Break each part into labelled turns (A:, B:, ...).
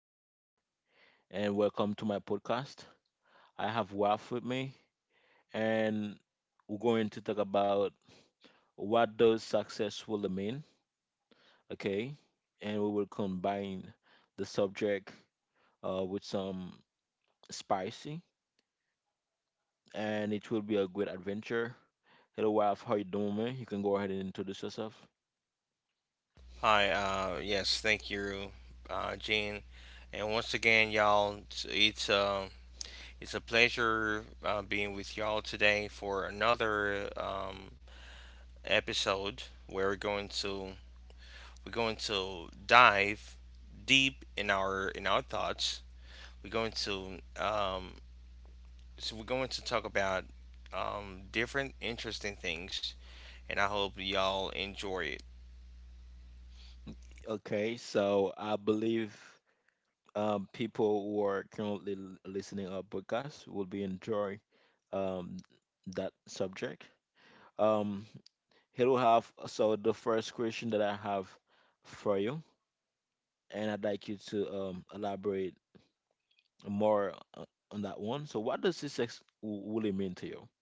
A: Jin again, and welcome to my podcast. I have Ralph with me, and we're going to talk about what does success really mean, okay? And we will combine the subject with some spicy, and it will be a great adventure. Hello, Ralph, how you doing, man? You can go ahead and introduce yourself.
B: Hi, yes, thank you, Gene. And once again, y'all, it's it's a pleasure being with y'all today for another episode where we're going to dive deep in our thoughts. We're going to so we're going to talk about different interesting things, and I hope y'all enjoy it.
A: Okay, so I believe people who are currently listening our podcast will be enjoying um, that subject. Um, Here we have so the first question that I have for you, and I'd like you to elaborate more on that one. So, what does success really mean to you?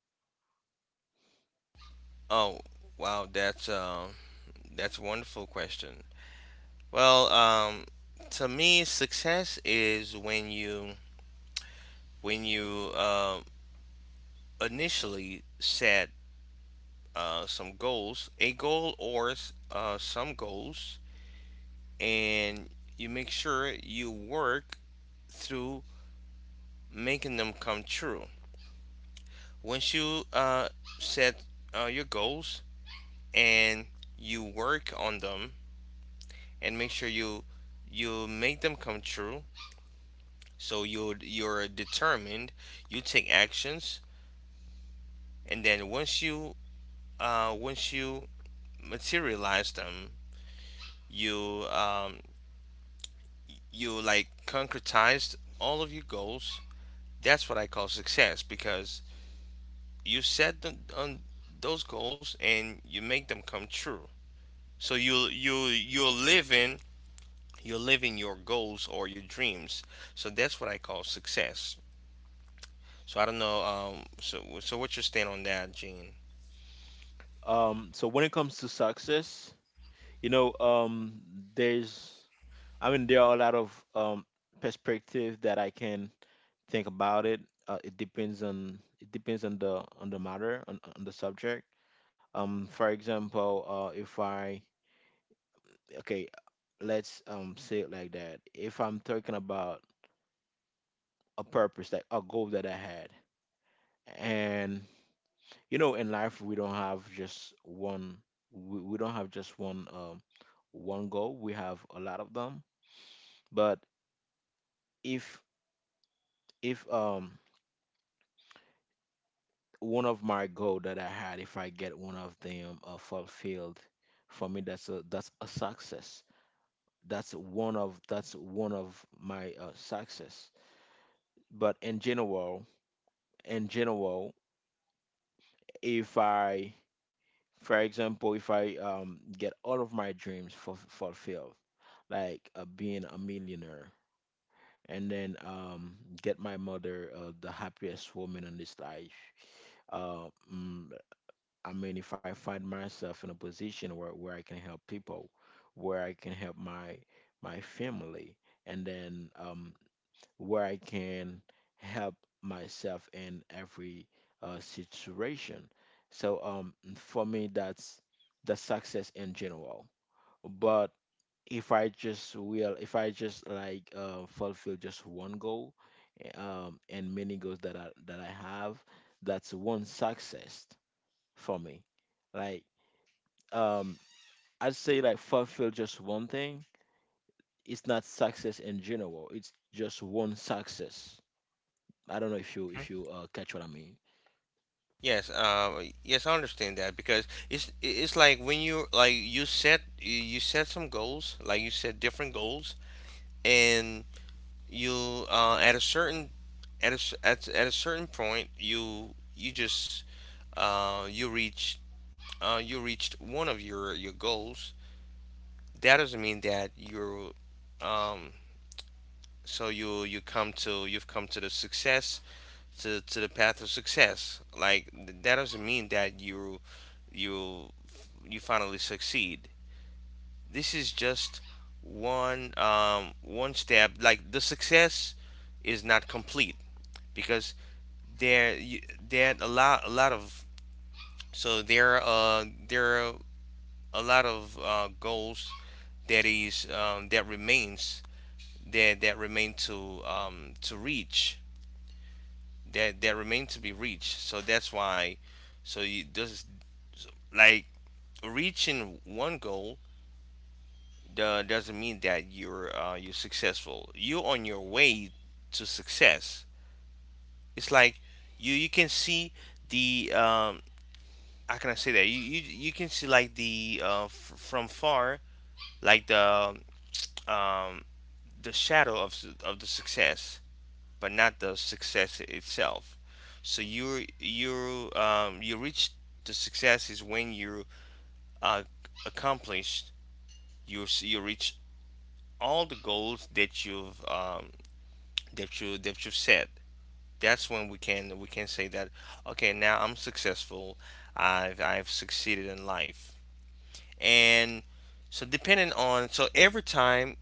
B: Oh, wow, that's a wonderful question. Well, to me, success is when you when you uh, initially set some goals, a goal or s- some goals, and you make sure you work through making them come true. Once you set your goals and you work on them and make sure you make them come true, so you're determined, you take actions and then once you materialize them, you you like concretized all of your goals. That's what I call success because you set them on those goals and you make them come true. So you're living your goals or your dreams. So that's what I call success. So I don't know. So what's your stand on that, Gene?
A: So when it comes to success, you know, there's, I mean, there are a lot of perspective that I can think about it. It depends on the matter on the subject. For example, if I okay, let's say it like that. If I'm talking about a purpose, like a goal that I had, and you know, in life we don't have just one. We don't have just one goal. We have a lot of them. But if if one of my goal that I had, if I get one of them fulfilled, for me that's a success. That's one of my success. But in general, if I, for example, if I get all of my dreams fulfilled, like being a millionaire, and then get my mother the happiest woman in this life, uh, mm, I mean, if I find myself in a position where I can help people, where I can help my family, and then where I can help myself in every situation. So for me, that's the success in general. But if I just like fulfill just one goal, and many goals that I have, that's one success for me. Like um I'd say like fulfill just one thing. It's not success in general. It's just one success. I don't know if you catch what I mean.
B: Yes, yes, I understand that because it's like when you like you set some goals, like you set different goals, and you at a certain at a, at a certain point you just uh, you reach you reached one of your goals. That doesn't mean that you're um, so you've come to the success to the path of success. Like that doesn't mean that you you finally succeed. This is just one one step. Like the success is not complete because there you, there are a lot of so there there are a lot of goals that is um, that remains that that remain to reach that that remain to be reached. So that's why. So you does like reaching one goal doesn't mean that you're successful. You're on your way to success. It's like you can see the how can I say that you can see like the from far like um, the shadow of the success. But not the success itself. So you you reach the success is when you uh, accomplished you you reach all the goals that you that you've set. That's when we can say that okay now I'm successful. I've succeeded in life and so depending on so every time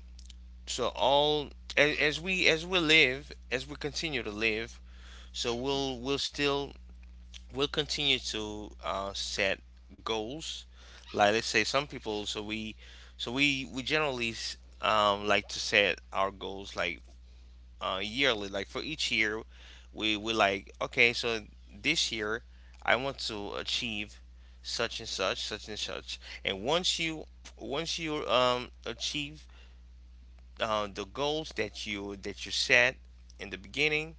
B: so all as we live as we continue to live so we'll continue to set goals. Like let's say some people, we generally like to set our goals like yearly. Like for each year, we like okay, so this year I want to achieve such and such, such and such. And once you achieve the goals that you set in the beginning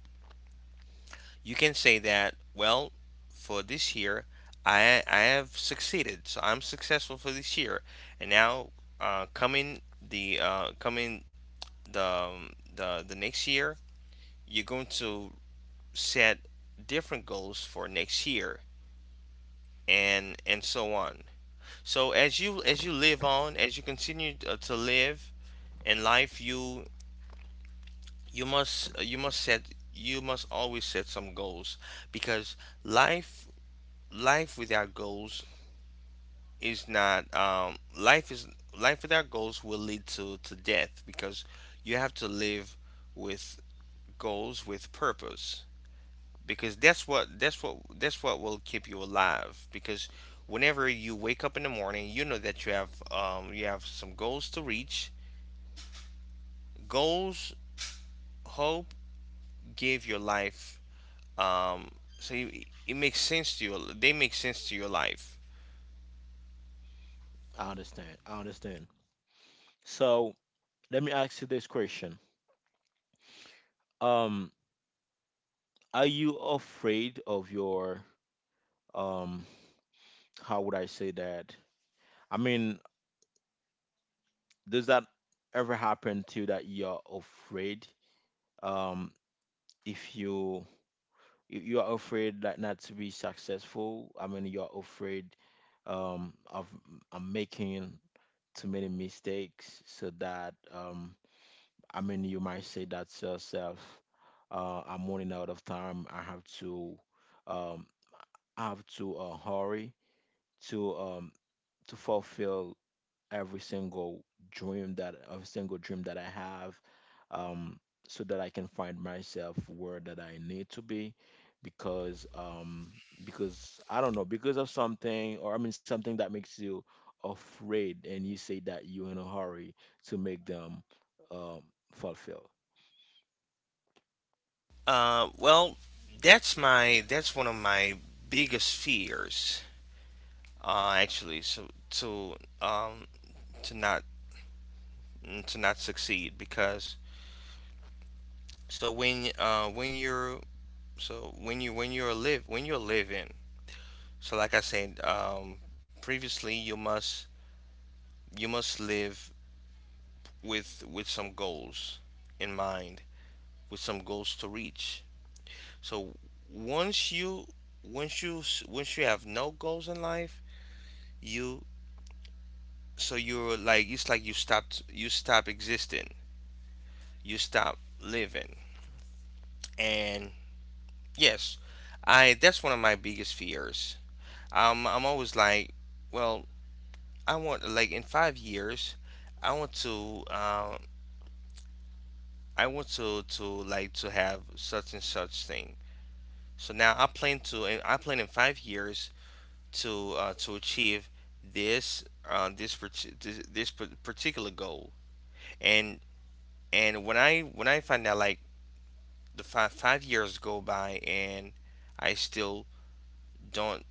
B: you can say that, well, for this year, I have succeeded, so I'm successful for this year. And now, uh, coming coming the the next year, you're going to set different goals for next year, and so on. So as you live on, as you continue to live in life, you must set you must always set some goals because life life without goals is not life is life without goals will lead to death because you have to live with goals with purpose because that's what will keep you alive because whenever you wake up in the morning you know that you have some goals to reach, goals, hope give your life um, so you, it makes sense to you, they make sense to your life.
A: I understand. I understand. So let me ask you this question. Um, are you afraid of your um? How would I say that? I mean, does that ever happen to you that you're afraid? Um, if you are afraid like not to be successful. I mean, you are afraid of making too many mistakes, so that I mean, you might say that to yourself, "I'm running out of time. I have to, um, hurry to um, to fulfill every single dream that I have, um, so that I can find myself where that I need to be, because um, because I don't know because of something or I mean something that makes you afraid and you say that you're in a hurry to make them um, fulfill."
B: Well, that's one of my biggest fears actually, so um to not to not succeed because so when you're so when you're live when you're living, so like I said previously, you must live with some goals in mind, with some goals to reach, so once you once you once you have no goals in life you, so you're like, it's like you stopped you stop existing, you stop living. And yes, I that's one of my biggest fears. I'm always like, well, I want like in 5 years, I want to like to have such and such thing. So now I plan in 5 years to achieve this particular goal. And when I find out like the five years go by and I still don't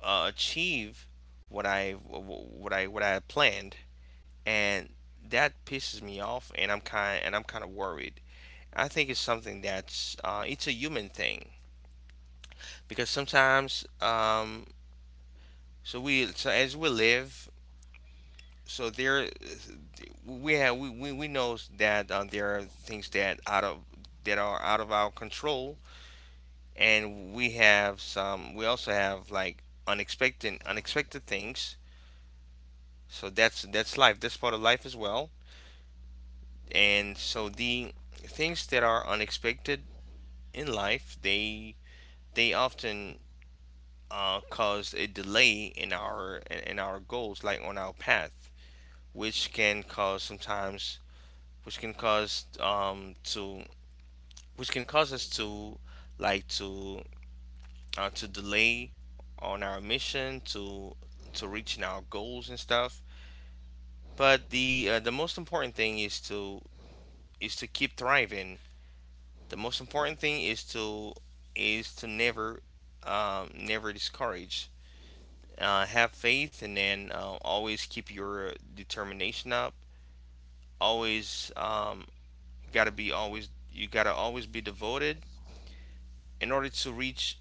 B: achieve what I had planned, and that pisses me off, and I'm kind of worried. I think it's something that's it's a human thing because sometimes so we so as we live so there we have we know that there are things that out of that are out of our control, and we have some, we also have like unexpected things. So that's life. That's part of life as well. And so the things that are unexpected in life, they often cause a delay in in our goals, like on our path, which can cause sometimes, which can cause to which can cause us to like to to delay on our mission to reaching our goals and stuff. But the most important thing is to keep thriving. The most important thing is to never never discourage. Have faith, and then always keep your determination up. Always gotta be always You gotta always be devoted in order to reach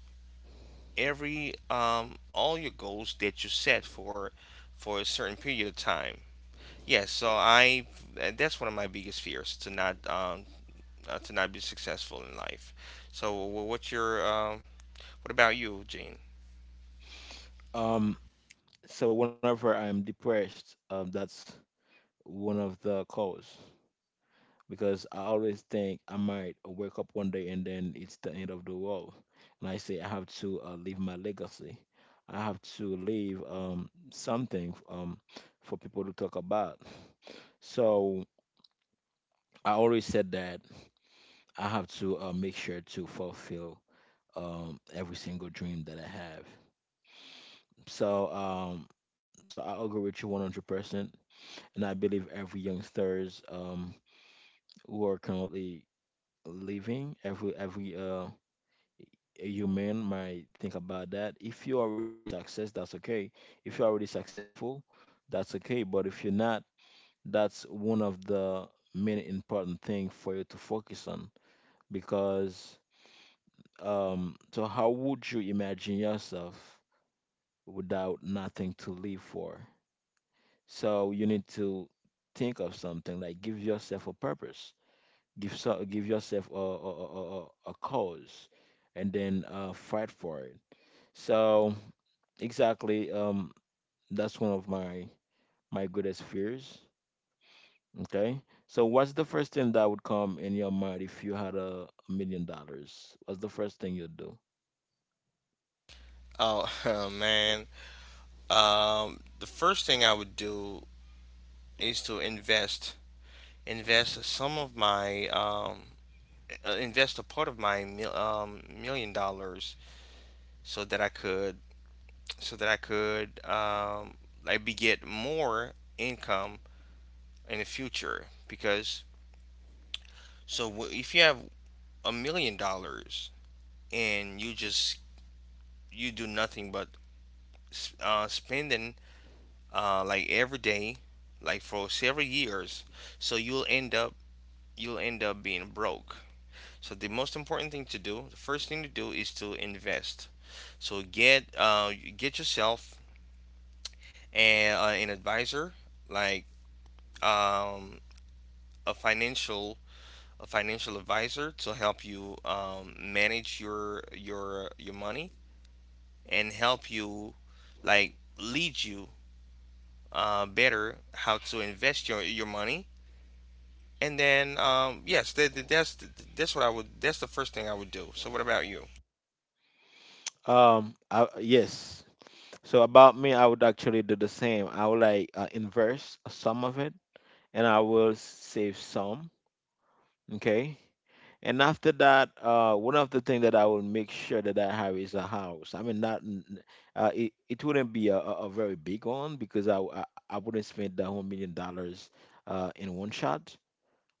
B: every all your goals that you set for a certain period of time. Yes, yeah, so I that's one of my biggest fears, to not be successful in life. So what's your um, what about you, Gene?
A: Um, so whenever I'm depressed, that's one of the cause. Because I always think I might wake up one day and then it's the end of the world. And I say I have to leave my legacy. I have to leave something for people to talk about. So I always said that I have to make sure to fulfill every single dream that I have. So um, so I agree with you 100%. And I believe every youngsters who are currently living, every you man might think about that. If you're already success, that's okay. If you're already successful, that's okay. But if you're not, that's one of the many important thing for you to focus on because so how would you imagine yourself without nothing to live for? So you need to think of something like give yourself a purpose. Give yourself a cause and then fight for it. So, exactly. That's one of my greatest fears. Okay. So what's the first thing that would come in your mind if you had $1 million? What's the first thing you'd do?
B: Oh, man. The first thing I would do is to invest, invest some of my, invest a part of my million dollars so that I could, so that I could, like, be get more income in the future. Because, so if you have $1 million, and you just, you do nothing but spending like every day, like for several years. So you'll end up being broke. So the most important thing to do, the first thing to do is to invest. So get yourself a, an advisor, like um, a financial a financial advisor to help you manage your money and help you, like, lead you better how to invest your money. And then, yes, that's what I would. That's the first thing I would do. So, what about you?
A: Yes. So about me, I would actually do the same. I would like invest some of it, and I will save some. Okay. And after that, one of the things that I will make sure that I have is a house. I mean, not it wouldn't be a very big one because I wouldn't spend the whole $1 million in one shot.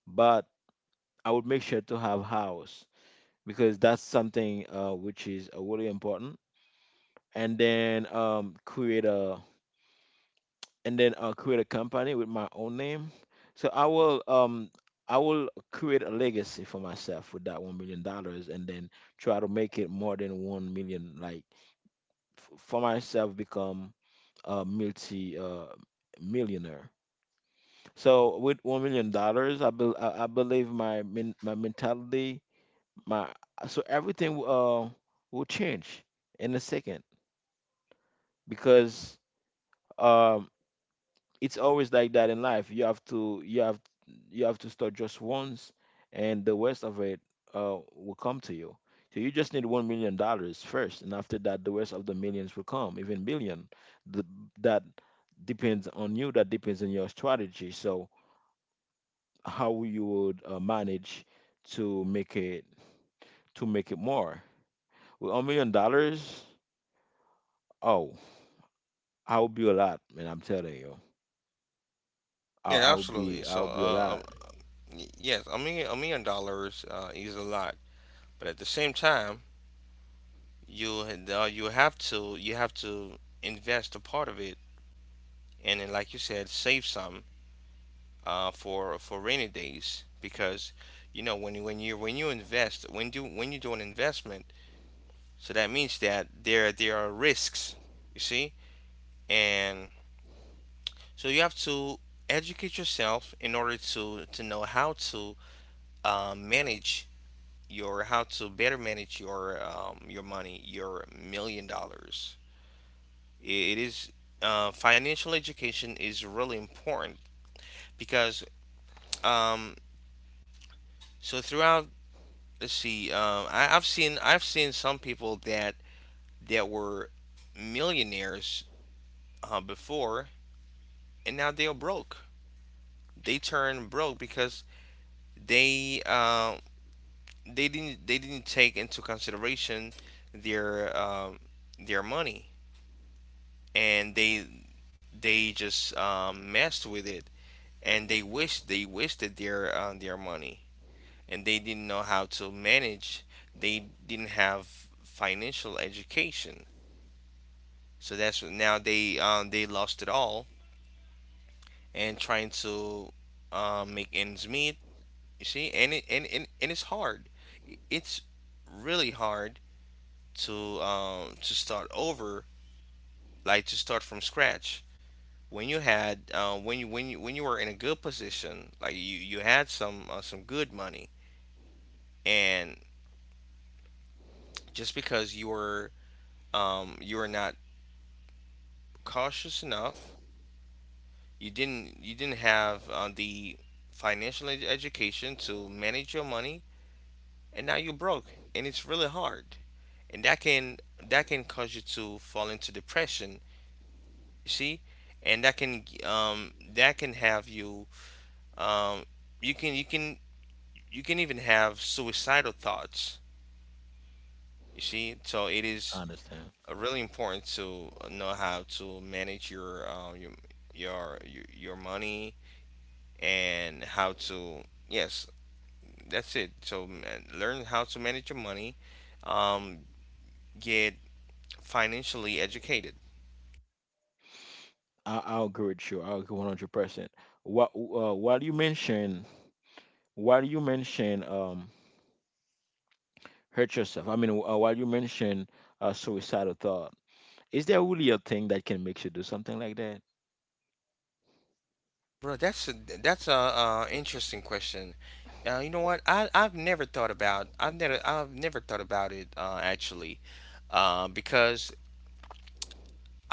A: But I would make sure to have house because that's something which is really important. And then create a company with my own name. So I will create a legacy for myself with that $1 million, and then try to make it more than 1 million, like for myself become a multi millionaire. So with $1 million, I believe my mentality, my so everything will change in a second because, um it's always like that in life. You have to start just once, and the rest of it will come to you. So you just need $1 million first, and after that, the rest of the millions will come, even billion. The, that depends on you. That depends on your strategy. So how you would manage to make it to make it more with $1 million. Oh, I will be a lot, man. I'm telling you,
B: Yeah, absolutely.
A: I
B: So,
A: will be a lot.
B: yes, $1 million is a lot, but at the same time, you have to invest a part of it, and then, like you said, save some for rainy days because you know when you when you when you invest when you do an investment, so that means that there are risks, you see, and so you have to educate yourself in order to know how to manage your how to better manage your money, your million dollars. It is financial education is really important because um, so throughout, let's see, I've seen some people that were millionaires before, and now they are broke. They turn broke because they uh, they didn't take into consideration their um, their money, and they just messed with it, and they wasted their money, and they didn't know how to manage. They didn't have financial education. So that's now they lost it all and trying to make ends meet, you see. And it's hard. It's really hard to to start over, like to start from scratch, when you had when you when you when you were in a good position, like you had some good money, and just because you were not cautious enough, you didn't have the financial education to manage your money, and now you're broke, and it's really hard. And that can cause you to fall into depression, you see. And that can have you, um, you can you can even have suicidal thoughts, you see. So it
A: I
B: is
A: understand.
B: really important to know how to manage your your money, and how to, yes, that's it. So man, learn how to manage your money. um, get financially educated.
A: I'll agree with you. I agree 100%. What, while you mention, hurt yourself, I mean, while you mention suicidal thought, is there really a thing that can make you do something like that?
B: Bro, that's a interesting question. You know what, I've never thought about, I've never thought about it actually. Because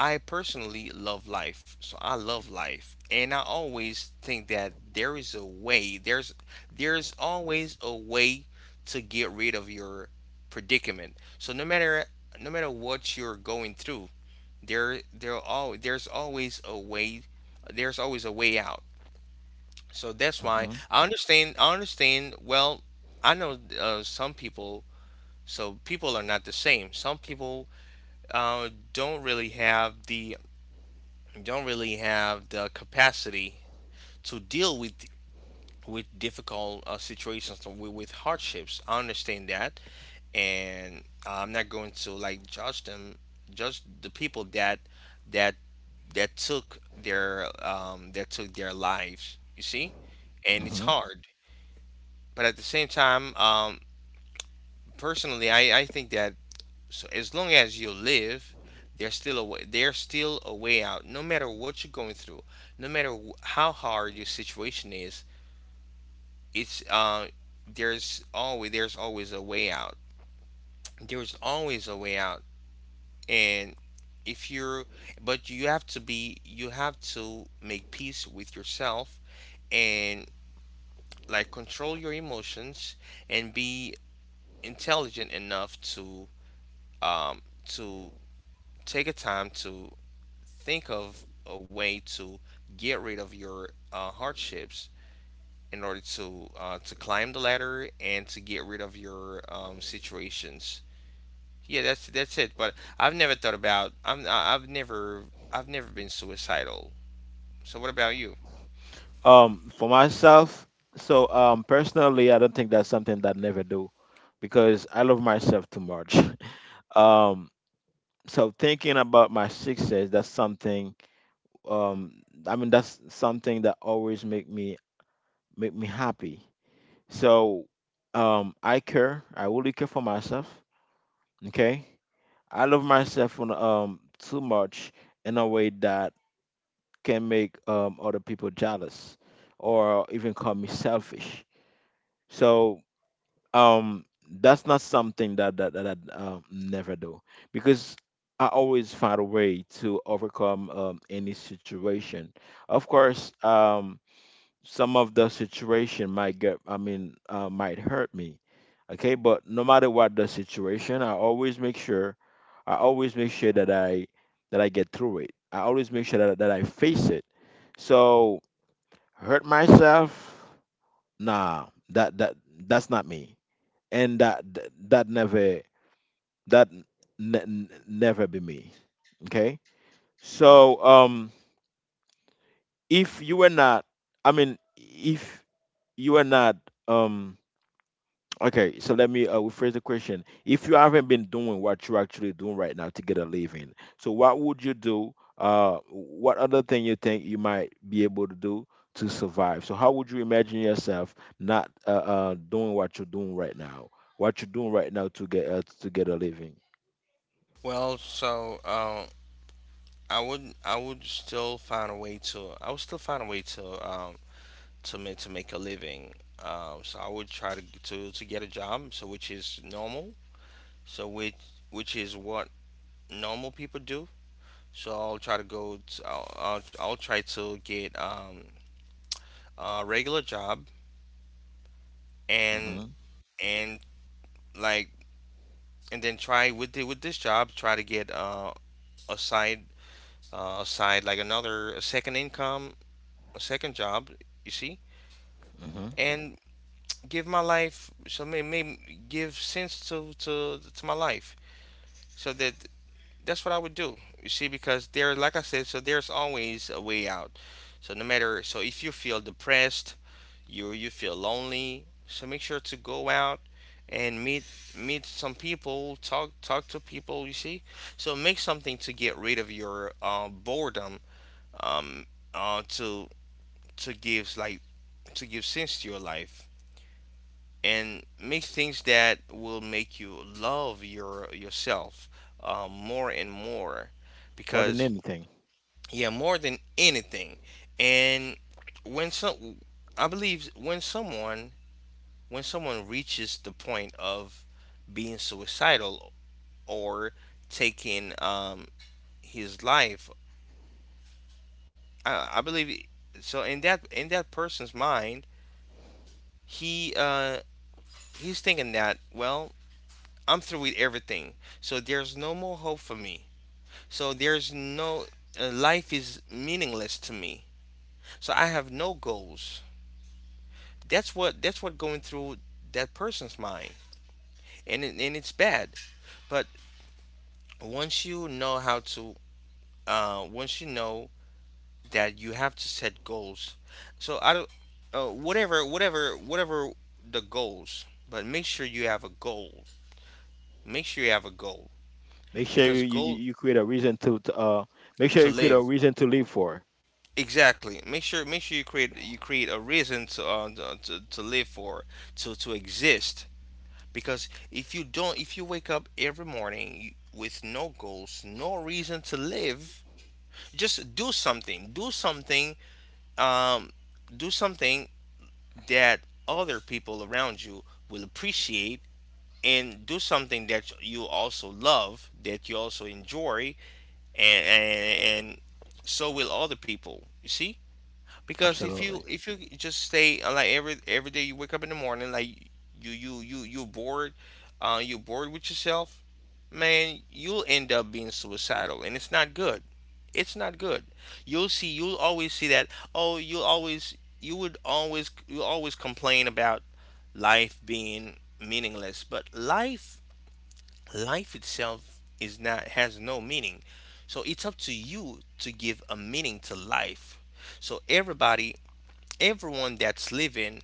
B: I personally love life. So I love life. And I always think that there is a way. There's always a way to get rid of your predicament. So no matter what you're going through, there's always a way, there's always a way out. So that's why
A: Hmm.
B: I understand well. I know some people, so people are not the same. Some people don't really have the, don't really have the capacity to deal with difficult situations, with hardships. I understand that, and I'm not going to like judge them, judge the people that that that took their that took their lives. You see, and it's
A: Hmm.
B: hard, but at the same time, personally, I think that, so as long as you live, there's still a way out. No matter what you're going through, no matter how hard your situation is, it's there's always, there's always a way out. There's always a way out. And if you're, but you have to be, you have to make peace with yourself and like control your emotions and be intelligent enough um to take a time to think of a way to get rid of your hardships, in order to climb the ladder and to get rid of your situations. Yeah, that's it. But I've never thought about. I've never. I've never been suicidal. So what about you?
A: For myself, so personally, I don't think that's something that I never do because I love myself too much. um, so thinking about my success, that's something, I mean, that's something that always make me happy. So I care. I really care for myself. Okay, I love myself too much in a way that can make other people jealous or even call me selfish. So that's not something that I never do because I always find a way to overcome any situation. Of course, some of the situation might get I mean, might hurt me, okay, but no matter what the situation, I always make sure that I get through it. I always make sure that I face it. So hurt myself, nah, that's not me. And that never be me, okay. So if you were not I mean, if you were not um okay, so let me rephrase the question. If you haven't been doing what you're actually doing right now to get a living, so what would you do? What other thing you think you might be able to do to survive? So how would you imagine yourself not doing what you're doing right now? What you're doing right now to get a living?
B: Well, so I would. I would still find a way to. I would still find a way to. To make, to make a living. So I would try to get a job. So which is normal. So which which is what normal people do. I'll try to get a regular job, and
A: Hmm.
B: and like, and then try with the, with this job, try to get a side, a side, like another, a second income, a second job, you see.
A: Hmm.
B: And give my life, so may give sense to my life. So that that's what I would do, you see. Because there, like I said, so there's always a way out. So no matter, so if you feel depressed, you feel lonely, so make sure to go out and meet, meet some people, talk to people, you see. So make something to get rid of your boredom. um to give, like to give sense to your life, and make things that will make you love yourself, more and more
A: More than
B: because,
A: anything,
B: yeah, more than anything. And when some I believe when someone, when someone reaches the point of being suicidal or taking, his life, I believe so, in that, in that person's mind, he uh, he's thinking that, well, I'm through with everything, so there's no more hope for me. So there's no life is meaningless to me. So I have no goals. That's what going through that person's mind, and and it's bad. But once you know how to once you know that you have to set goals. So I don't, whatever the goals, but make sure you have a goal. Make sure you have a goal
A: make sure you,
B: because
A: you, you
B: goal
A: you create a reason to, make sure
B: to
A: you create a
B: live.
A: reason to live for.
B: Exactly. Make sure you create a reason to to live for, to exist. Because if you don't, if you wake up every morning with no goals, no reason to live, just do something. Do something, um do something that other people around you will appreciate, and do something that you also love, that you also enjoy, and so will other people, you see. Because if you,
A: Absolutely,
B: if you just stay like every day you wake up in the morning, like you you're bored, you're bored with yourself. Man, you'll end up being suicidal, and it's not good. It's not good. You'll see, you'll always see that, oh, you'll always, you would always, you always complain about life being meaningless, but life, life itself is not has no meaning. So it's up to you to give a meaning to life. So everybody, everyone that's living,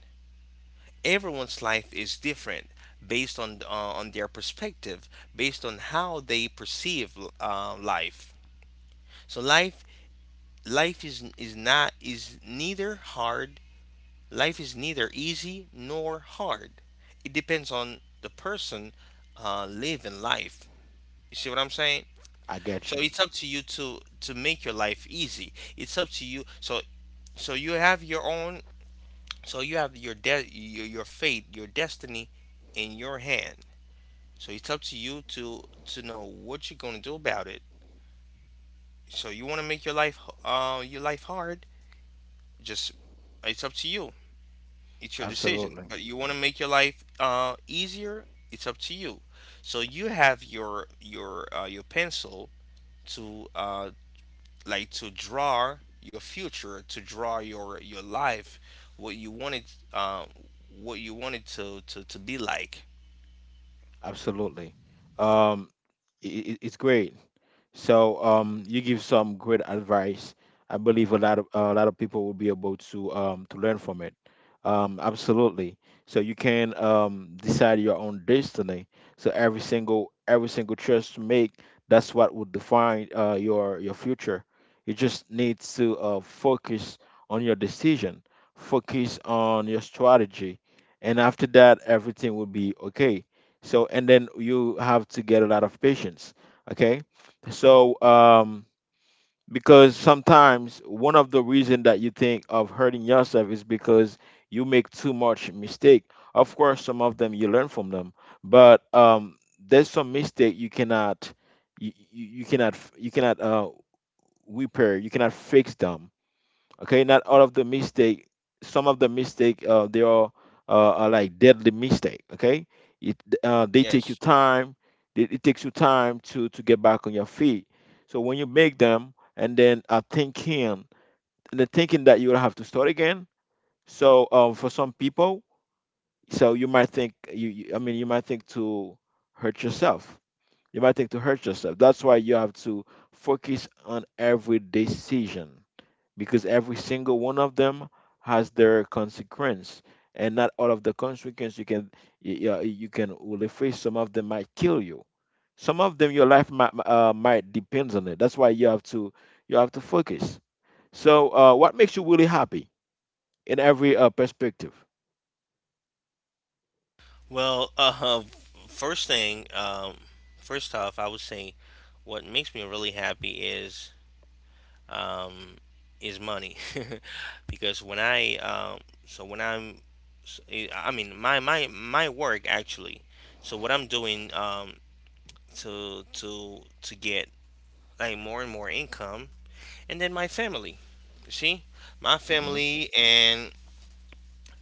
B: everyone's life is different based on their perspective, based on how they perceive life. So life life is not is neither hard. Life is neither easy nor hard. It depends on the person living life. You see what I'm saying?
A: I
B: So
A: get you.
B: it's up to you to make your life easy. It's up to you. So you have your own. So you have your fate, your destiny in your hand. So it's up to you to know what you're going to do about it. So you want to make your life hard? Just, it's up to you. It's your decision.
A: Absolutely.
B: But you want to make your life easier? It's up to you. So you have your pencil to like to draw your future, to draw your life, what you wanted, uh what you wanted to be like.
A: Absolutely. Um, it's great. So you give some great advice. I believe a lot of people will be able to learn from it. Absolutely. So you can decide your own destiny. So every single choice you make, that's what would define your future. You just need to focus on your decision, focus on your strategy, and after that, everything will be okay. So, and then you have to get a lot of patience. Okay, so, because sometimes one of the reason that you think of hurting yourself is because you make too much mistake. Of course, some of them you learn from them, but there's some mistake you cannot repair. You cannot fix them. Okay, not all of the mistake, some of the mistake they are like deadly mistake. Okay, it they take you
B: Yes.
A: time. It takes you time to get back on your feet. So when you make them, and then thinking, and the thinking that you will have to start again. So for some people, so you might think you, you I mean you might think to hurt yourself. You might think to hurt yourself. That's why you have to focus on every decision, because every single one of them has their consequence. And not all of the consequence you can yeah, you can will face. Some of them might kill you, some of them your life might depends on it. That's why you have to, you have to focus. So what makes you really happy in every perspective?
B: Well, first thing, first off, I would say what makes me really happy is, um, is money, because when I so when I'm, s- eh, I mean my work actually. So what I'm doing, to get, like, more and more income, and then my family. See, my
A: Hmm.
B: family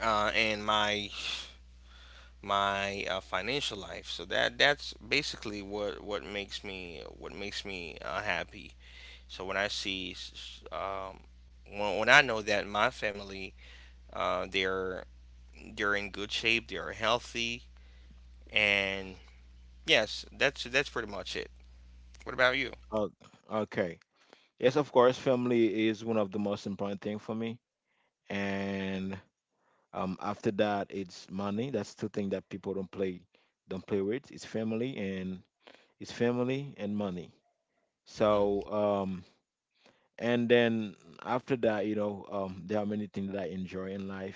B: and my financial life. So that's basically what makes me, what makes me happy. So when I see, when I know that my family uh, they're they're in good shape, they're healthy, and yes, that's pretty much it. What about you?
A: Oh, okay. Yes, of course, family is one of the most important thing for me, and after that, it's money. That's two things that people don't play, don't play with. It's family and, it's family and money. So
B: Hmm.
A: and then after that, you know, there are many things that I enjoy in life.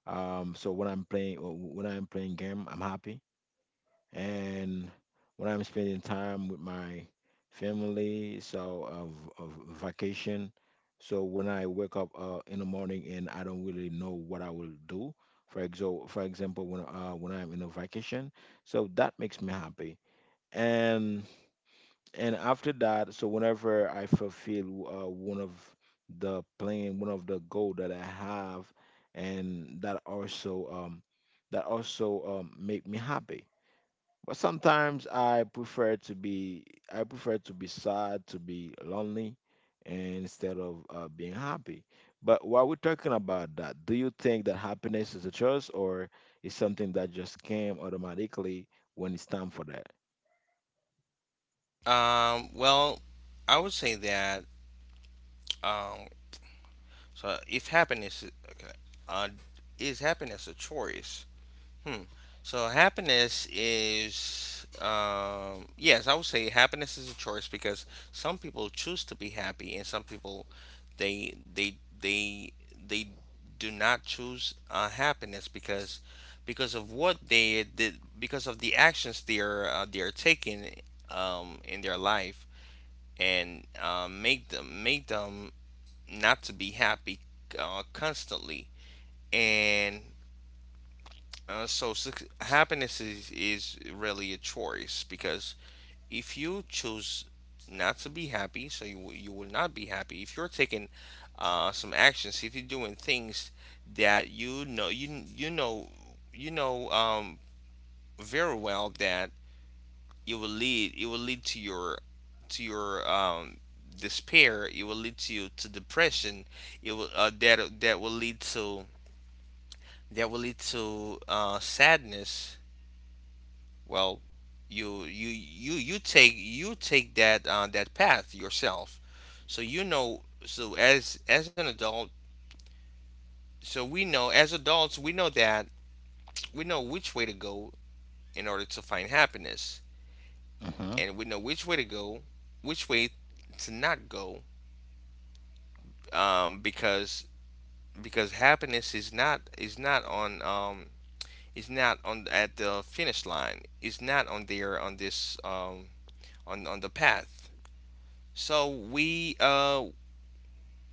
A: So when I'm playing, when I'm playing game, I'm happy. And when I'm spending time with my family, so of vacation. So when I wake up in the morning and I don't really know what I will do, for example, when I'm in a vacation, so that makes me happy. And and after that, so whenever I fulfill one of the plan, one of the goal that I have, and that also make me happy. But sometimes I prefer to be, I prefer to be sad, to be lonely, and instead of being happy. But while we're talking about that, do you think that happiness is a choice, or is something that just came automatically when it's time for that?
B: Well, I would say that, um, so if happiness is, okay, uh, is happiness a choice? Hmm. So happiness is, yes, I would say happiness is a choice because some people choose to be happy, and some people they they do not choose happiness because of what they did, because of the actions they are, they are taking in their life, and make them, make them not to be happy constantly. And so suc happiness is really a choice because if you choose not to be happy, so you will not be happy. If you're taking some actions, if you're doing things that you know, you know very well that it will lead to your despair. It will lead to you to depression. It will that will lead to, that will lead to sadness. Well, you you take, you take that that path yourself. So you know, so as an adult, so we know as adults, we know that, we know which way to go in order to find happiness,
A: Hmm.
B: and we know which way to go, which way to not go, um, because because happiness is not, is not on is not on at the finish line, is not on there on this, on the path. So we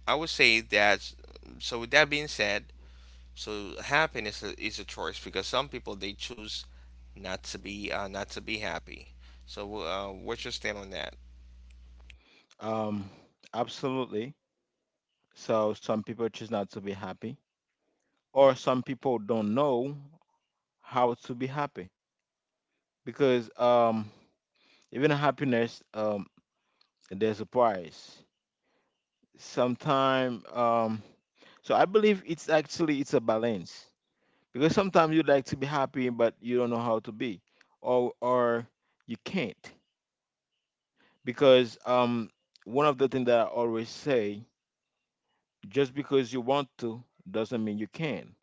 B: I would say that. So with that being said, so happiness is a choice because some people they choose not to be not to be happy. So what's your stand on that?
A: Um, absolutely. So some people choose not to be happy, or some people don't know how to be happy because even happiness, there's a price. Sometime, so I believe it's actually, it's a balance, because sometimes you'd like to be happy but you don't know how to be, or you can't, because one of the things that I always say, just because you want to doesn't mean you can.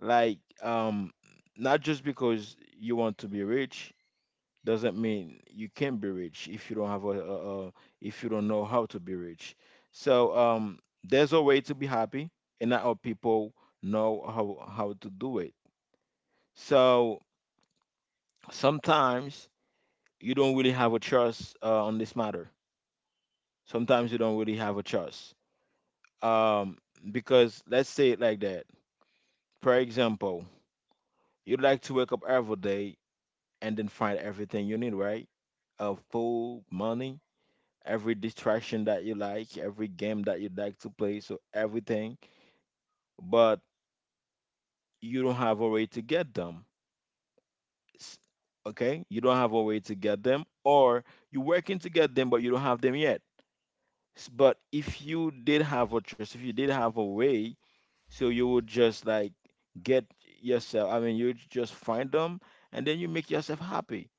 A: Like, um not just because you want to be rich doesn't mean you can be rich if you don't have a, if you don't know how to be rich. So there's a way to be happy, and not all people know how to do it. So sometimes you don't really have a choice on this matter. Sometimes you don't really have a choice. Um, because let's say it like that. For example, you'd like to wake up every day and then find everything you need, right? Food, money, every distraction that you like, every game that you like to play, so everything, but you don't have a way to get them. S- Okay? You don't have a way to get them, or you're working to get them, but you don't have them yet. S- But if you did have a trust, if you did have a way, so you would just like get yourself, I mean, you just find them and then you make yourself happy.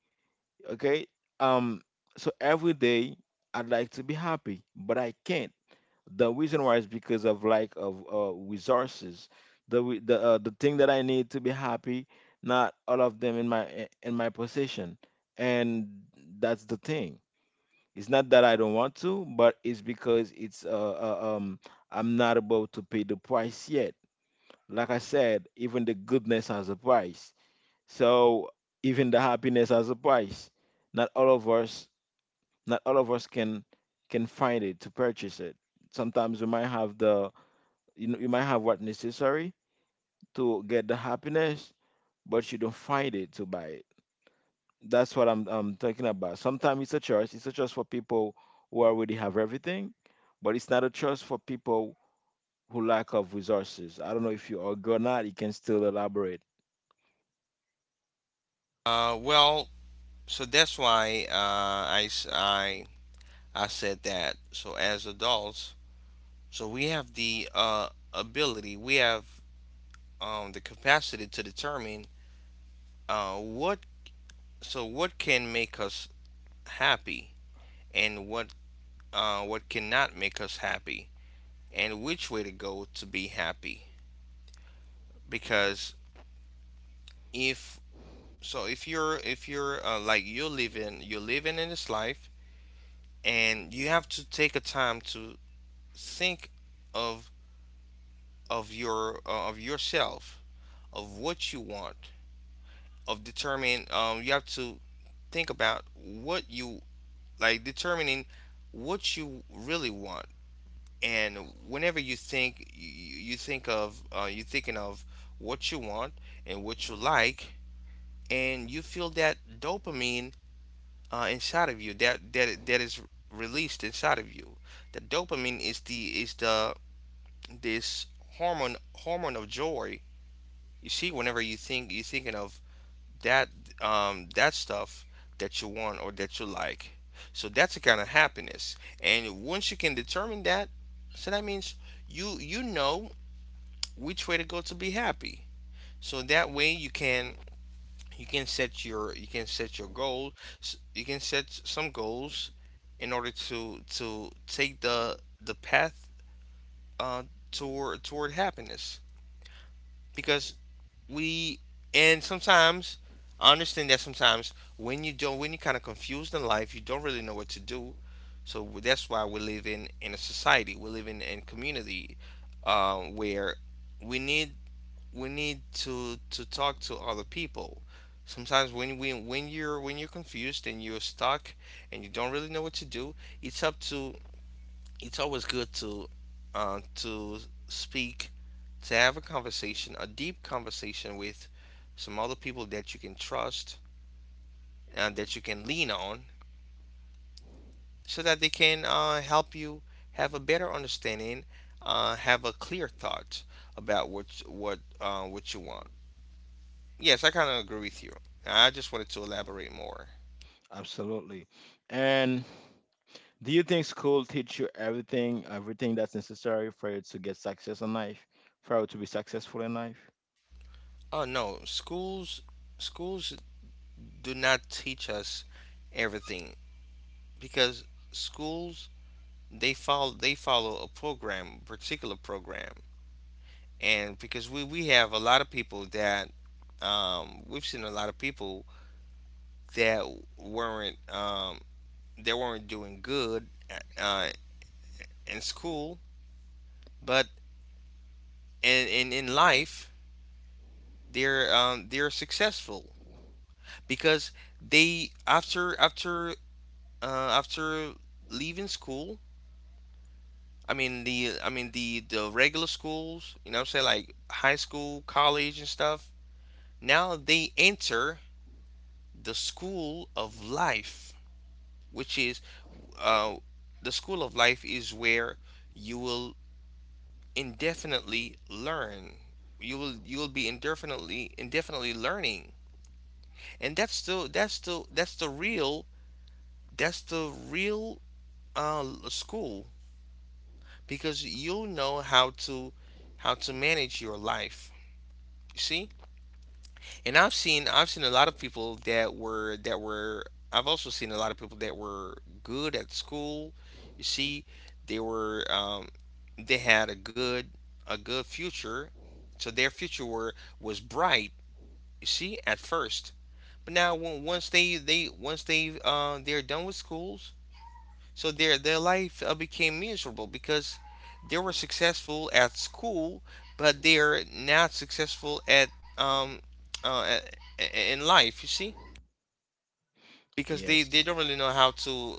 A: Okay? Um, so every day I'd like to be happy, but I can't. The reason why is because of lack of resources. The re- the The thing that I need to be happy, not all of them in my in my possession, and that's the thing. It's not that I don't want to, but it's because it's I'm not about to pay the price yet. Like I said, even the goodness has a price. So even the happiness has a price. Not all of us, not all of us can find it to purchase it. Sometimes we might have the, you know, you might have what necessary to get the happiness, but you don't find it to buy it. That's what I'm talking about. Sometimes it's a choice. It's a choice for people who already have everything, but it's not a choice for people who lack of resources. I don't know if you agree or not. You can still elaborate.
B: Well, so that's why I said that. So as adults, so we have the ability, we have the capacity to determine what, so what can make us happy, and what cannot make us happy. And which way to go to be happy, because if so if you're you're living in this life, and you have to take a time to think of of your of yourself, of what you want, of determine. You have to think about what you determining what you really want. And whenever you think of you thinking of what you want and what you like, and you feel that dopamine inside of you, that that is released inside of you. The dopamine is the this hormone of joy. You see, whenever you're thinking of that, that stuff that you want or that you like. So that's a kind of happiness. And once you can determine that, so that means you know which way to go to be happy. So that way you can you can set your goal, you can set some goals in order to take the path uh toward happiness. Because we and sometimes I understand that sometimes when you don't when you kind of confused in life, you don't really know what to do. So that's why we live in a society, we live in community, where we need we need to talk to other people. Sometimes when we when you're confused and you're stuck and you don't really know what to do, it's up to it's always good to uh, to speak, to have a conversation, a deep conversation with some other people that you can trust and that you can lean on, so that they can help you have a better understanding, have a clear thought about what you want. Yes, I kind of agree with you. I just wanted to elaborate more.
A: Absolutely. And do you think school teach you everything, everything that's necessary for you to get success in life, for you to be successful in life?
B: Oh no, schools do not teach us everything, because schools, they follow a program, particular program. And because we have a lot of people that, we've seen a lot of people that weren't, they weren't doing good uh uh, in school, but in life they're, they're successful, because they, after uh, after leaving school. I mean the regular schools, you know what I'm saying, like high school, college and stuff. Now they enter the school of life, which is, uh, the school of life is where you will indefinitely learn. You will be indefinitely learning, and that's the that's the that's the real, that's the real uh, school, because you'll know how to manage your life. You see, and I've seen a lot of people that were, I've also seen a lot of people that were good at school. You see, they were, they had a good future, so their future were was bright. You see, at first, but now when, once they once they, they're done with school, so their life became miserable, because they were successful at school, but they're not successful at, um uh, in life. You see, because they
A: Yes.
B: don't really know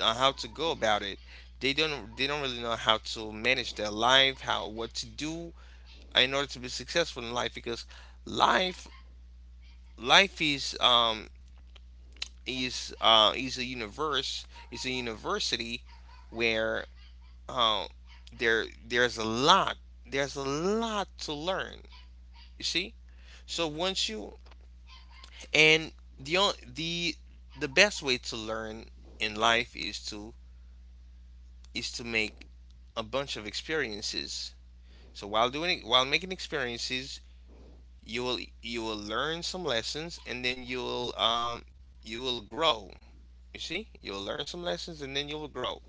B: how to go about it. They don't, really know how to manage their life, how what to do in order to be successful in life, because life life is a universe is a university where, um, there's a lot, to learn. You see. So once you, and the on- the the best way to learn in life is to make a bunch of experiences. So while making experiences, you will learn some lessons and then you'll, you will grow. You see, you'll learn some lessons and then you'll grow.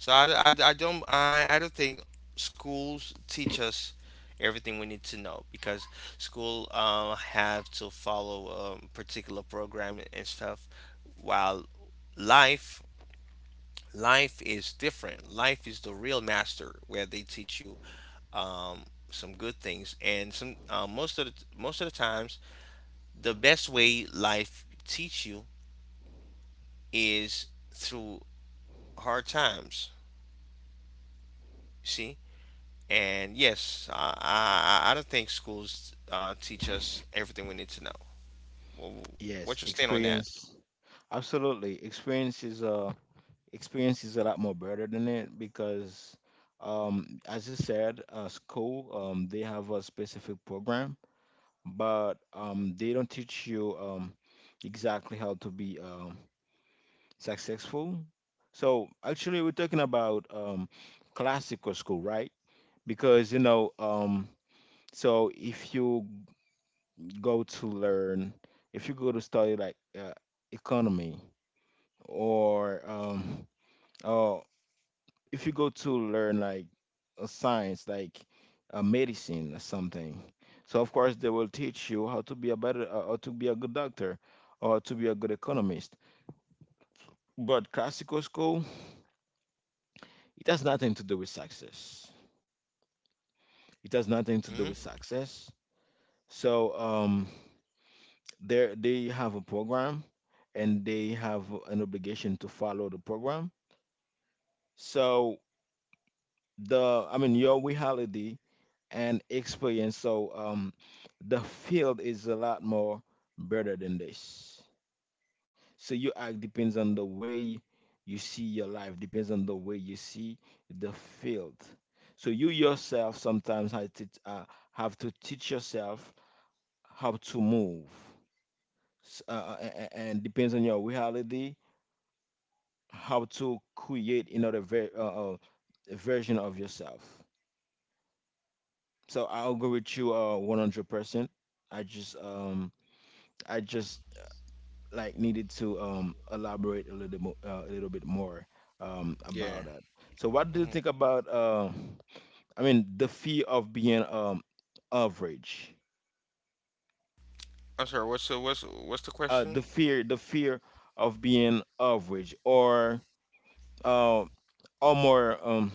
B: So I don't, I don't think schools teach us everything we need to know, because school have to follow a particular program and stuff, while life life is different. Life is the real master, where they teach you, um, some good things and some, most of the times, the best way life teach you is through hard times, see. And yes, I don't think schools teach us everything we need to know. Well,
A: Yes.
B: what's your stand on that?
A: Experience. Absolutely. Experience is a lot more better than it, because as you said, school, they have a specific program, but they don't teach you exactly how to be successful. So actually we're talking about classical school, right? Because you know, so if you go to learn, if you go to study like economy, or um or, if you go to learn like a science, like a medicine or something, so of course they will teach you how to be a better or to be a good doctor, or to be a good economist. But classical school, it has nothing to do with success. It has nothing to do
B: Hmm.
A: with success. So they have a program and they have an obligation to follow the program. So the, I mean your reality and experience. So the field is a lot more better than this. So your act depends on the way you see your life, depends on the way you see the field. So you yourself sometimes have to teach yourself how to move, and depends on your reality how to create another version of yourself. So I'll go with you 100%. I just um I just like needed to elaborate a little more a little bit more about
B: Yeah.
A: that. So what do you
B: Hmm.
A: think about I mean the fear of being average?
B: I'm sorry. What's the, what's the question?
A: The fear, the fear of being average, uh or more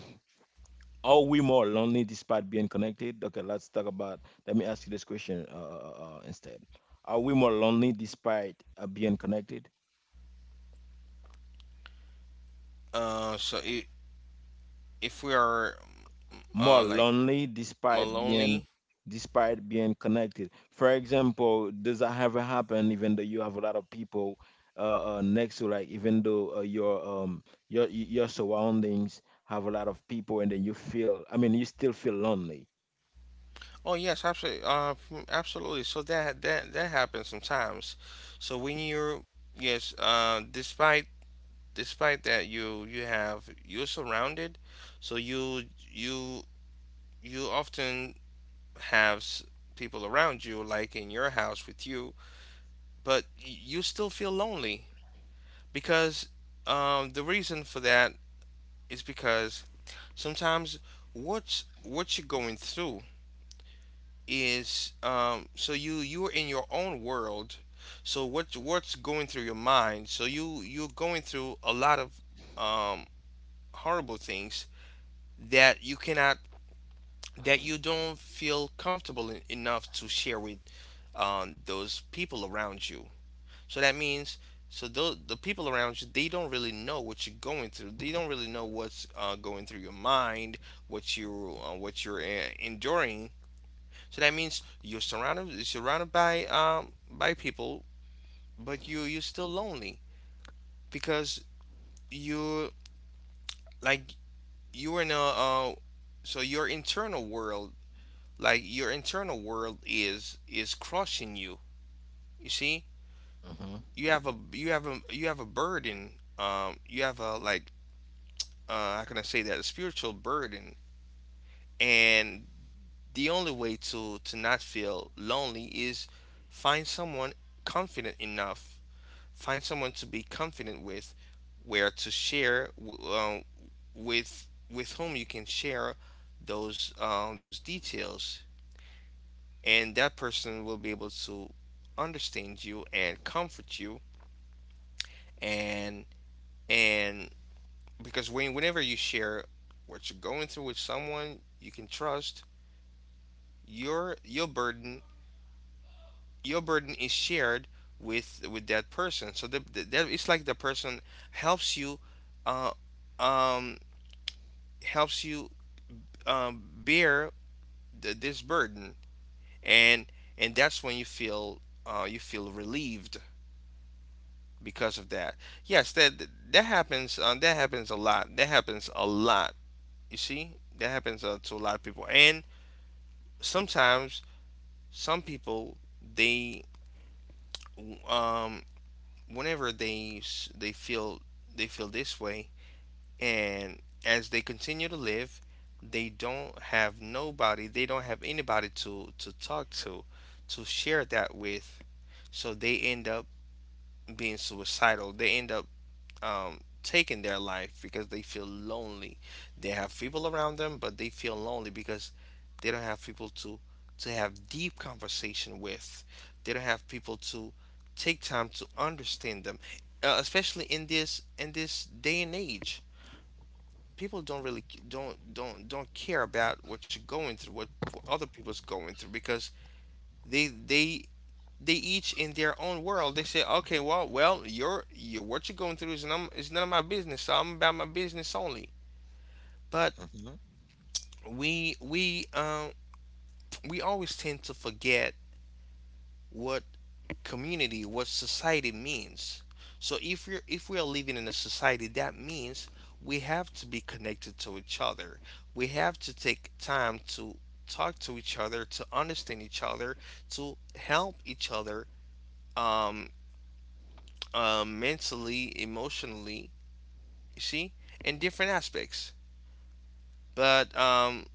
A: are we more lonely despite being connected? Okay, let's talk about, let me ask you this question, instead, are we more lonely despite being connected?
B: So I If we are,
A: More
B: like
A: lonely
B: more
A: despite being,
B: lonely.
A: despite being connected. For example, does that ever happen? Even though you have a lot of people next to, like, even though your your surroundings have a lot of people, and then you feel, I mean, you still feel lonely.
B: Oh yes, absolutely. Absolutely. So that happens sometimes. So when you're, yes, despite that you have, you're surrounded, so you you often have people around you, like in your house with you, but you still feel lonely, because, the reason for that is because sometimes what you're going through is, so you, you're in your own world. So what's going through your mind? So you, you're going through a lot of, um, horrible things that you cannot, that you don't feel comfortable enough to share with, those people around you. So that means, so the people around you, they don't really know what you're going through. They don't really know what's going through your mind, what you, what you're, enduring. So that means you're surrounded by people, but you're still lonely, because you like you're in a, uh, so your internal world, your internal world is crushing you. You see,
A: Hmm.
B: you have a burden. You have a, how can I say that, a spiritual burden. And the only way to not feel lonely is find someone confident enough, find someone to be confident with, where to share w- with whom you can share those, those details, and that person will be able to understand you and comfort you. And and because when, whenever you share what you're going through with someone you can trust, your, burden is shared with that person. So that, it's like the person helps you, uh, um, helps you, bear th this burden, and that's when you feel, you feel relieved because of that. Yes, that that happens a lot that happens a lot. You see, that happens to a lot of people. And sometimes some people, they, um whenever they feel, they feel this way, and as they continue to live, they don't have nobody, they don't have anybody to talk to share that with. So they end up being suicidal, they end up, taking their life because they feel lonely. They have people around them, but they feel lonely because they don't have people to have deep conversation with. They don't have people to take time to understand them, especially in this day and age. People don't really don't care about what you're going through, what other people's going through, because they they they each in their own world. They say, okay, well, your what you're going through is none of my business. So I'm about my business only. But
A: Hmm.
B: we, we always tend to forget what community, what society means. So if we're if we are living in a society, that means we have to be connected to each other. We have to take time to talk to each other, to understand each other, to help each other, um, mentally, emotionally, you see, in different aspects. But,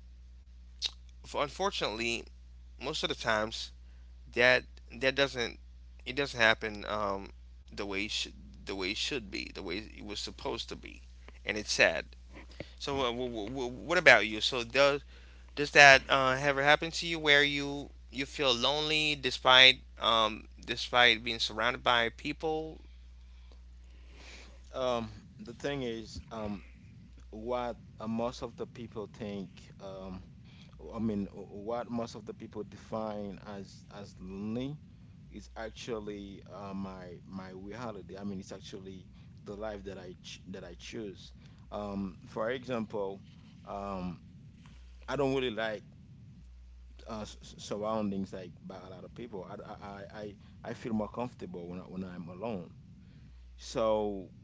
B: unfortunately, most of the times, that doesn't, it doesn't happen, the way it should the way it should be, the way it was supposed to be, and it's sad. So, what about you? So, does that ever happen to you where you feel lonely despite, despite being surrounded by people?
A: Um, the thing is, what most of the people think, um. I mean, what most of the people define as lonely is actually my my reality. I mean, it's actually the life that I ch that I choose. For example, um, I don't really like surroundings like by a lot of people. I, I feel more comfortable when I, when I'm alone. So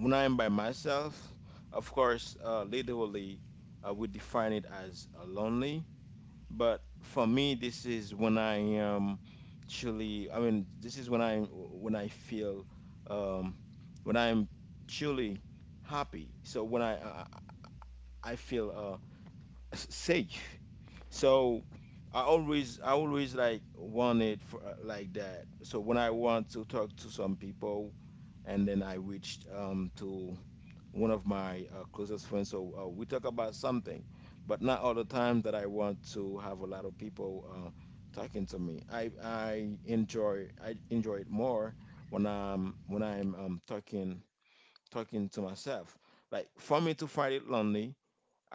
A: when I'm by myself, of course, literally, I would define it as lonely. But for me, this is when I am truly, I mean, this is when I feel um, when I'm truly happy. So when I feel s- safe. So I always, I always like want it for like that. So when I want to talk to some people, and then I reached to one of my closest friends. So we talk about something, but not all the time that I want to have a lot of people talking to me. I enjoy, I enjoy it more when I'm talking, talking to myself. Like for me to find it lonely,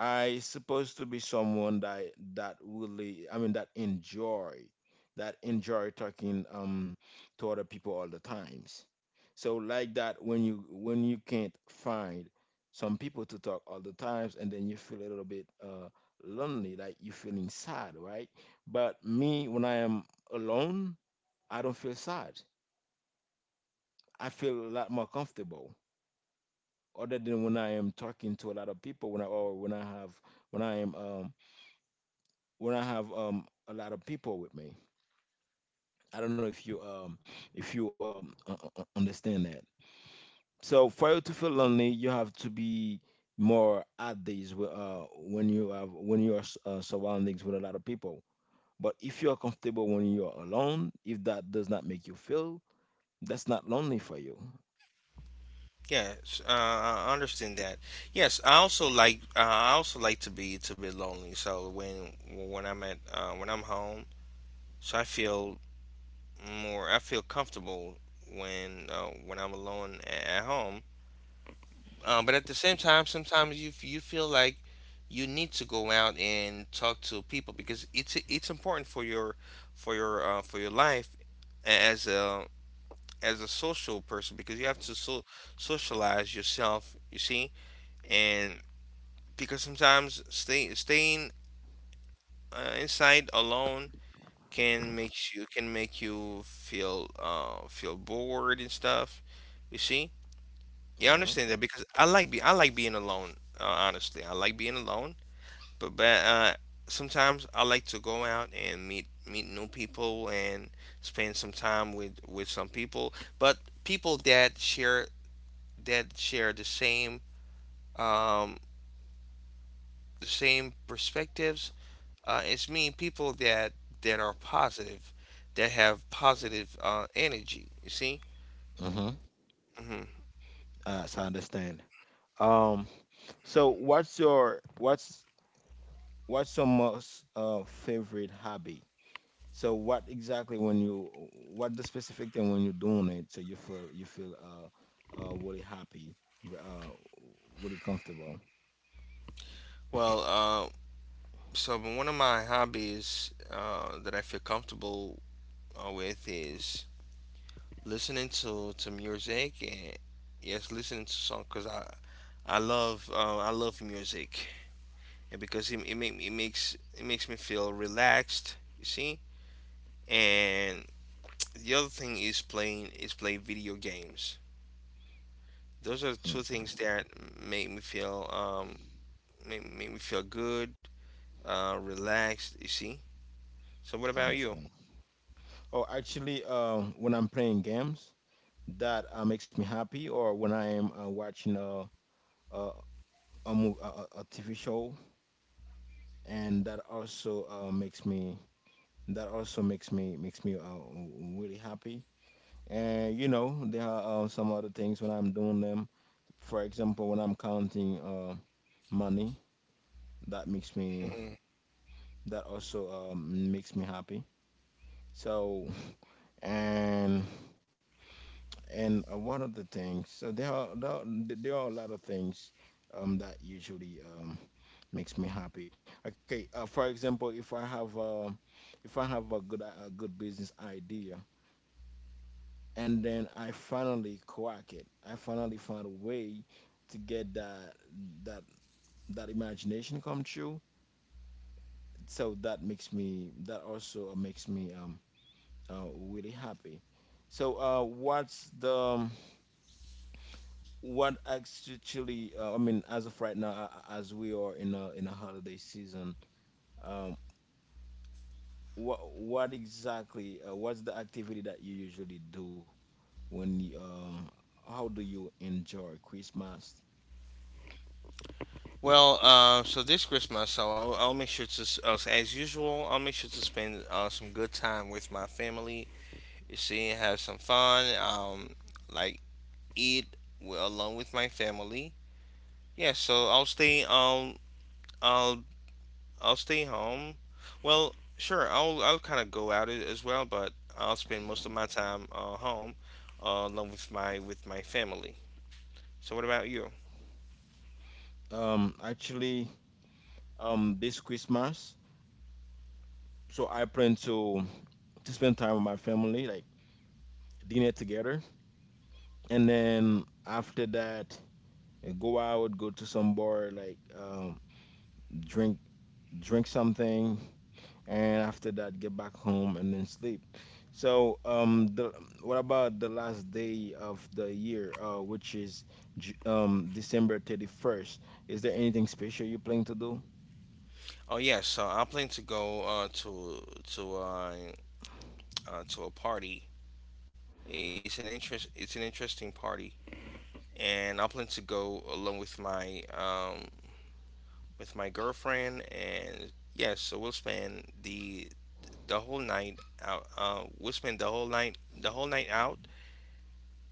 A: I supposed to be someone that, that really, I mean, that enjoy talking to other people all the times. So like that, when you can't find some people to talk all the times, and then you feel a little bit lonely, like you're feeling sad, right? But me, when I am alone, I don't feel sad. I feel a lot more comfortable, other than when I am talking to a lot of people, when I have, when I am when I have a lot of people with me. I don't know if you understand that. So for you to feel lonely, you have to be more at these when you have, when you are surroundings with a lot of people. But if you are comfortable when you are alone, if that does not make you feel, that's not lonely for you.
B: Yes, I understand that. Yes, I also like, I also like to be lonely. So when I'm at when I'm home, so I feel more I feel comfortable when, when I'm alone at home. But at the same time, sometimes you feel like you need to go out and talk to people, because it's important for your, for your life as a social person, because you have to, socialize yourself. You see. And because sometimes staying inside alone can make you, feel, feel bored and stuff. You see, yeah, I
A: Uh-huh.
B: understand that because I like being alone. Honestly, I like being alone. But sometimes I like to go out and meet, new people and spend some time with, some people. But people that share the same, um, the same perspectives. It's mean people that are positive, that have positive energy. You see.
A: Uh-huh.
B: hmm
A: So I understand. Um. So what's your what's your most favorite hobby? So what exactly when you, what the specific thing when you're doing it so you feel, you feel really happy, uh really comfortable.
B: Well, so one of my hobbies that I feel comfortable with is listening to music. And yes, listening to songs because I love I love music, and because it makes me feel relaxed. You see, and the other thing is play video games. Those are two
A: Mm,
B: things that make me feel um make me feel good, relaxed. You see. So what
A: I
B: about you?
A: understand. Oh, actually, when I'm playing games, that makes me happy, or when I am watching a a TV show, and that also makes me that also makes me really happy. And you know, there are some other things when I'm doing them. For example, when I'm counting money, that makes me
B: Mhm.
A: that also makes me happy. So and and One of the things, so there are a lot of things that usually makes me happy. Okay, for example, if I have a good business idea, and then I finally crack it, I finally find a way to get that that imagination come true, so that also makes me really happy. So what's the what actually, I mean, as of right now, as we are in a holiday season, um what exactly, what's the activity that you usually do when you, uh, how do you enjoy Christmas?
B: Well, so this Christmas, so I'll make sure so as usual, I'll make sure to spend some good time with my family. You see, have some fun, like along with my family. Yeah, so I'll I'll stay home. Well, sure, I'll kind of go out as well, but I'll spend most of my time home, along with my family. So what about you?
A: Actually, this Christmas, so I plan to spend time with my family, like dinner together, and then after that I go out, go to some bar, like, drink, drink something, and after that get back home and then sleep. So um the what about the last day of the year, which is December 31st? Is there anything special you plan to do?
B: Oh yes, so I plan to go to uh, to a party. It's an interesting party, and I plan to go along with my girlfriend. And yes, so we'll spend the whole night out. We'll spend the whole night out.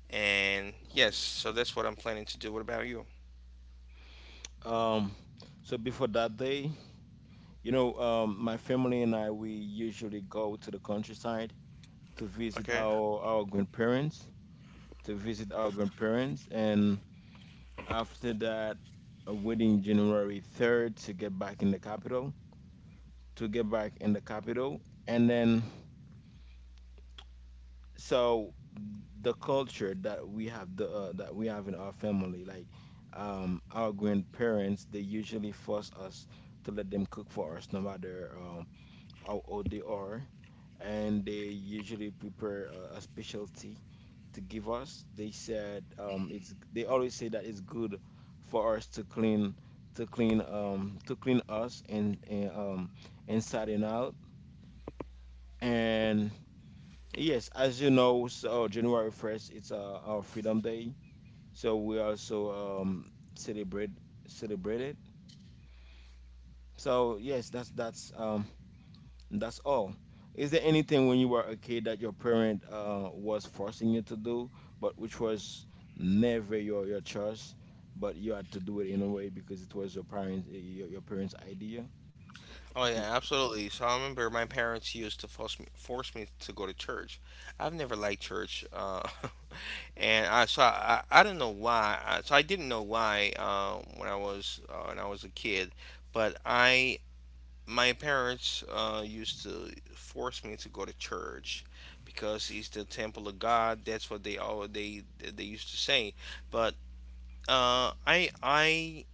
B: And yes, so that's what I'm planning to do. What about you?
A: um so before that day, you know, my family and I, we usually go to the countryside to visit
B: Okay.
A: our grandparents, to visit our grandparents. And after that, waiting January 3rd to get back in the capital, to get back in the capital. And then, so the culture that we have, the that we have in our family, like, our grandparents, they usually force us to let them cook for us, no matter how old they are, and they usually prepare a specialty to give us. They said, it's, they always say that it's good for us to clean, to clean us, and inside and out. And yes, as you know, so January 1st, it's, our Freedom Day, so we also, celebrate, celebrate it. So yes, that's all. Is there anything, when you were a kid, that your parent, was forcing you to do, but which was never your choice, but you had to do it in a way because it was your parents, eh, your parents' idea?
B: Oh
A: Because,
B: yeah, absolutely. So I remember my parents used to force me to go to church. I've never liked church, and I don't know why. So I didn't know why when I was a kid, but I my parents used to force me to go to church because it's the temple of God. That's what they all they used to say. But uh, I I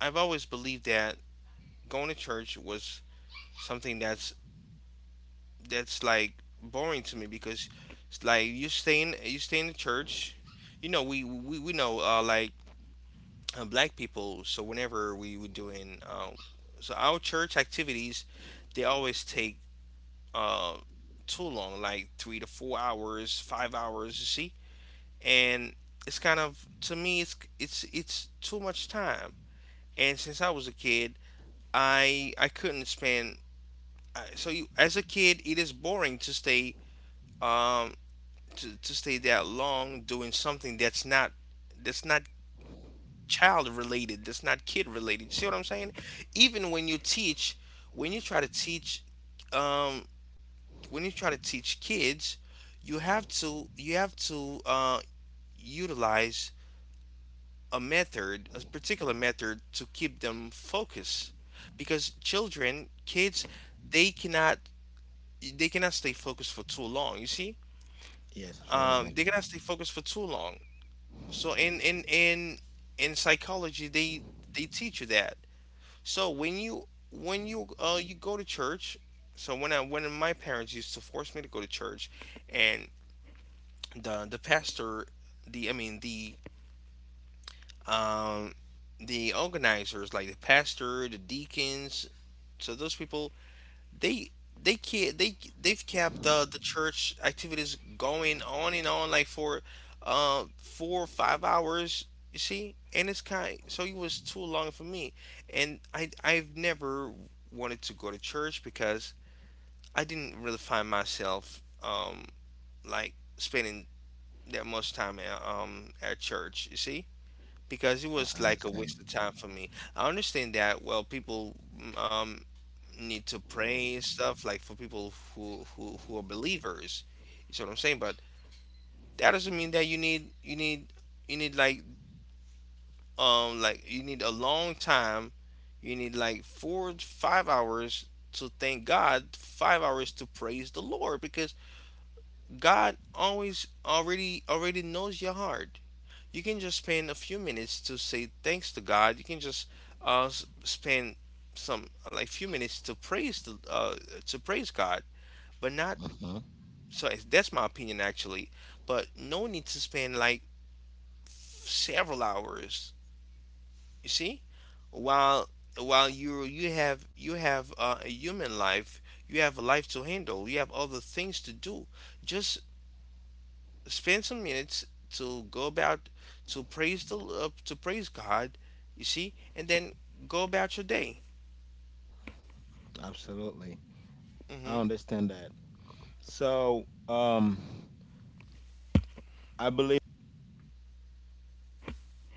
B: I've always believed that going to church was something that's like boring to me because it's like you stay in the church. You know, we know like black people. So whenever we were doing so our church activities, they always take uh, too long, like 3 to 4 hours, 5 hours. You see, and it's kind of to me it's too much time. And since I was a kid, I couldn't spend so you as a kid it is boring to stay um to stay that long doing something that's not child related, that's not kid related, you see what I'm saying? Even when you try to teach um when you try to teach kids, you have to utilize a method, a particular method, to keep them focused, because children kids, they cannot they cannot stay focused for too long, you see.
A: yes,
B: Um,
A: absolutely.
B: they're gonna stay focused for too long. So in psychology, they teach you that. So when you go to church, so when my parents used to force me to go to church, and the pastor, the I mean the um the organizers like the pastor, the deacons, so those people, they they can't they they've kept the church activities going on and on like for 4 or 5 hours, you see, and it's kind so it was too long for me. And I've never wanted to go to church because I didn't really find myself like spending that much time at church, you see, because it was
A: I
B: like a
A: understand.
B: waste of time for me. I understand that, well, people um need to pray and stuff like for people who are believers, you see what I'm saying, but that doesn't mean that you need like you need a long time, you need like 4 5 hours to thank God, 5 hours to praise the Lord, because God always already already knows your heart. You can just spend a few minutes to say thanks to God. You can just spend some like few minutes to praise the to praise God, but not.
A: Hmm.
B: So that's my opinion actually. But no need to spend like several hours. You see, while while you have a human life, you have a life to handle, you have other things to do. Just spend some minutes to go about to praise the to praise God. You see, and then go about your day.
A: Absolutely, I
B: hmm
A: understand that. So, I believe.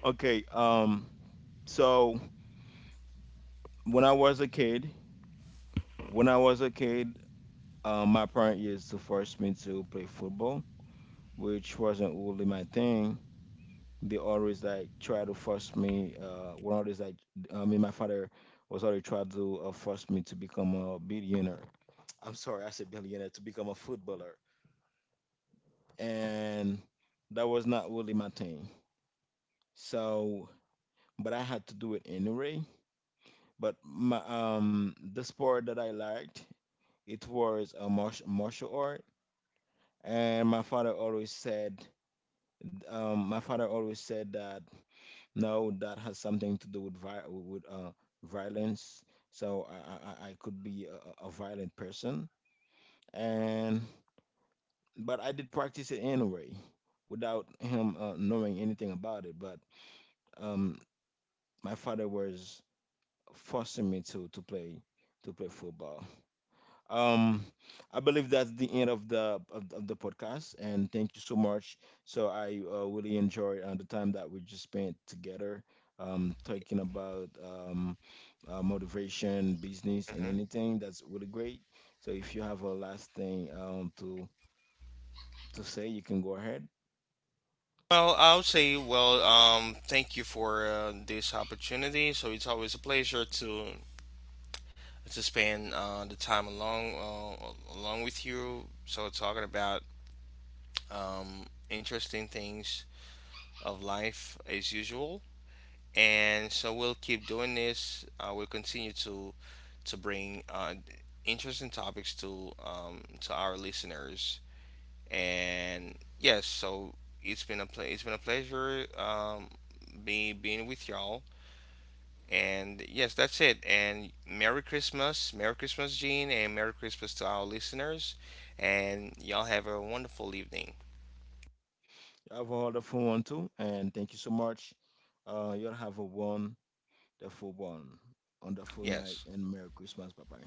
A: Okay. So when I was a kid, when I was a kid, my parent used to force me to play football, which wasn't really my thing. They always like try to force me. One of these, like, I mean, my father was already trying to force me to become a billionaire. I'm sorry, I said billionaire, to become a footballer, and that was not really my thing. So, but I had to do it anyway. But my, the sport that I liked, it was a martial art, and my father always said, my father always said that, no, that has something to do with violence. So I could be a violent person, and but I did practice it anyway, without him knowing anything about it. But, um, my father was forcing me to play football. Um, I believe that's the end of the podcast, and thank you so much. So I, really enjoyed, the time that we just spent together, talking about, motivation, business, and
B: hmm
A: anything. That's really great. So if you have a last thing, to say, you can go ahead.
B: well, I'll say, well, thank you for this opportunity. So it's always a pleasure to spend the time along with you. So talking about interesting things of life as usual, and so we'll keep doing this. We'll continue to bring interesting topics to our listeners. And yes, so it's been a pleasure being with y'all. And yes, that's it. And Merry Christmas. Merry Christmas, Gene, and Merry Christmas to our listeners. And y'all have a wonderful evening.
A: Have a wonderful one too, and thank you so much. You'll have a wonderful one, wonderful night,
B: Yes.
A: and Merry Christmas. Bye bye.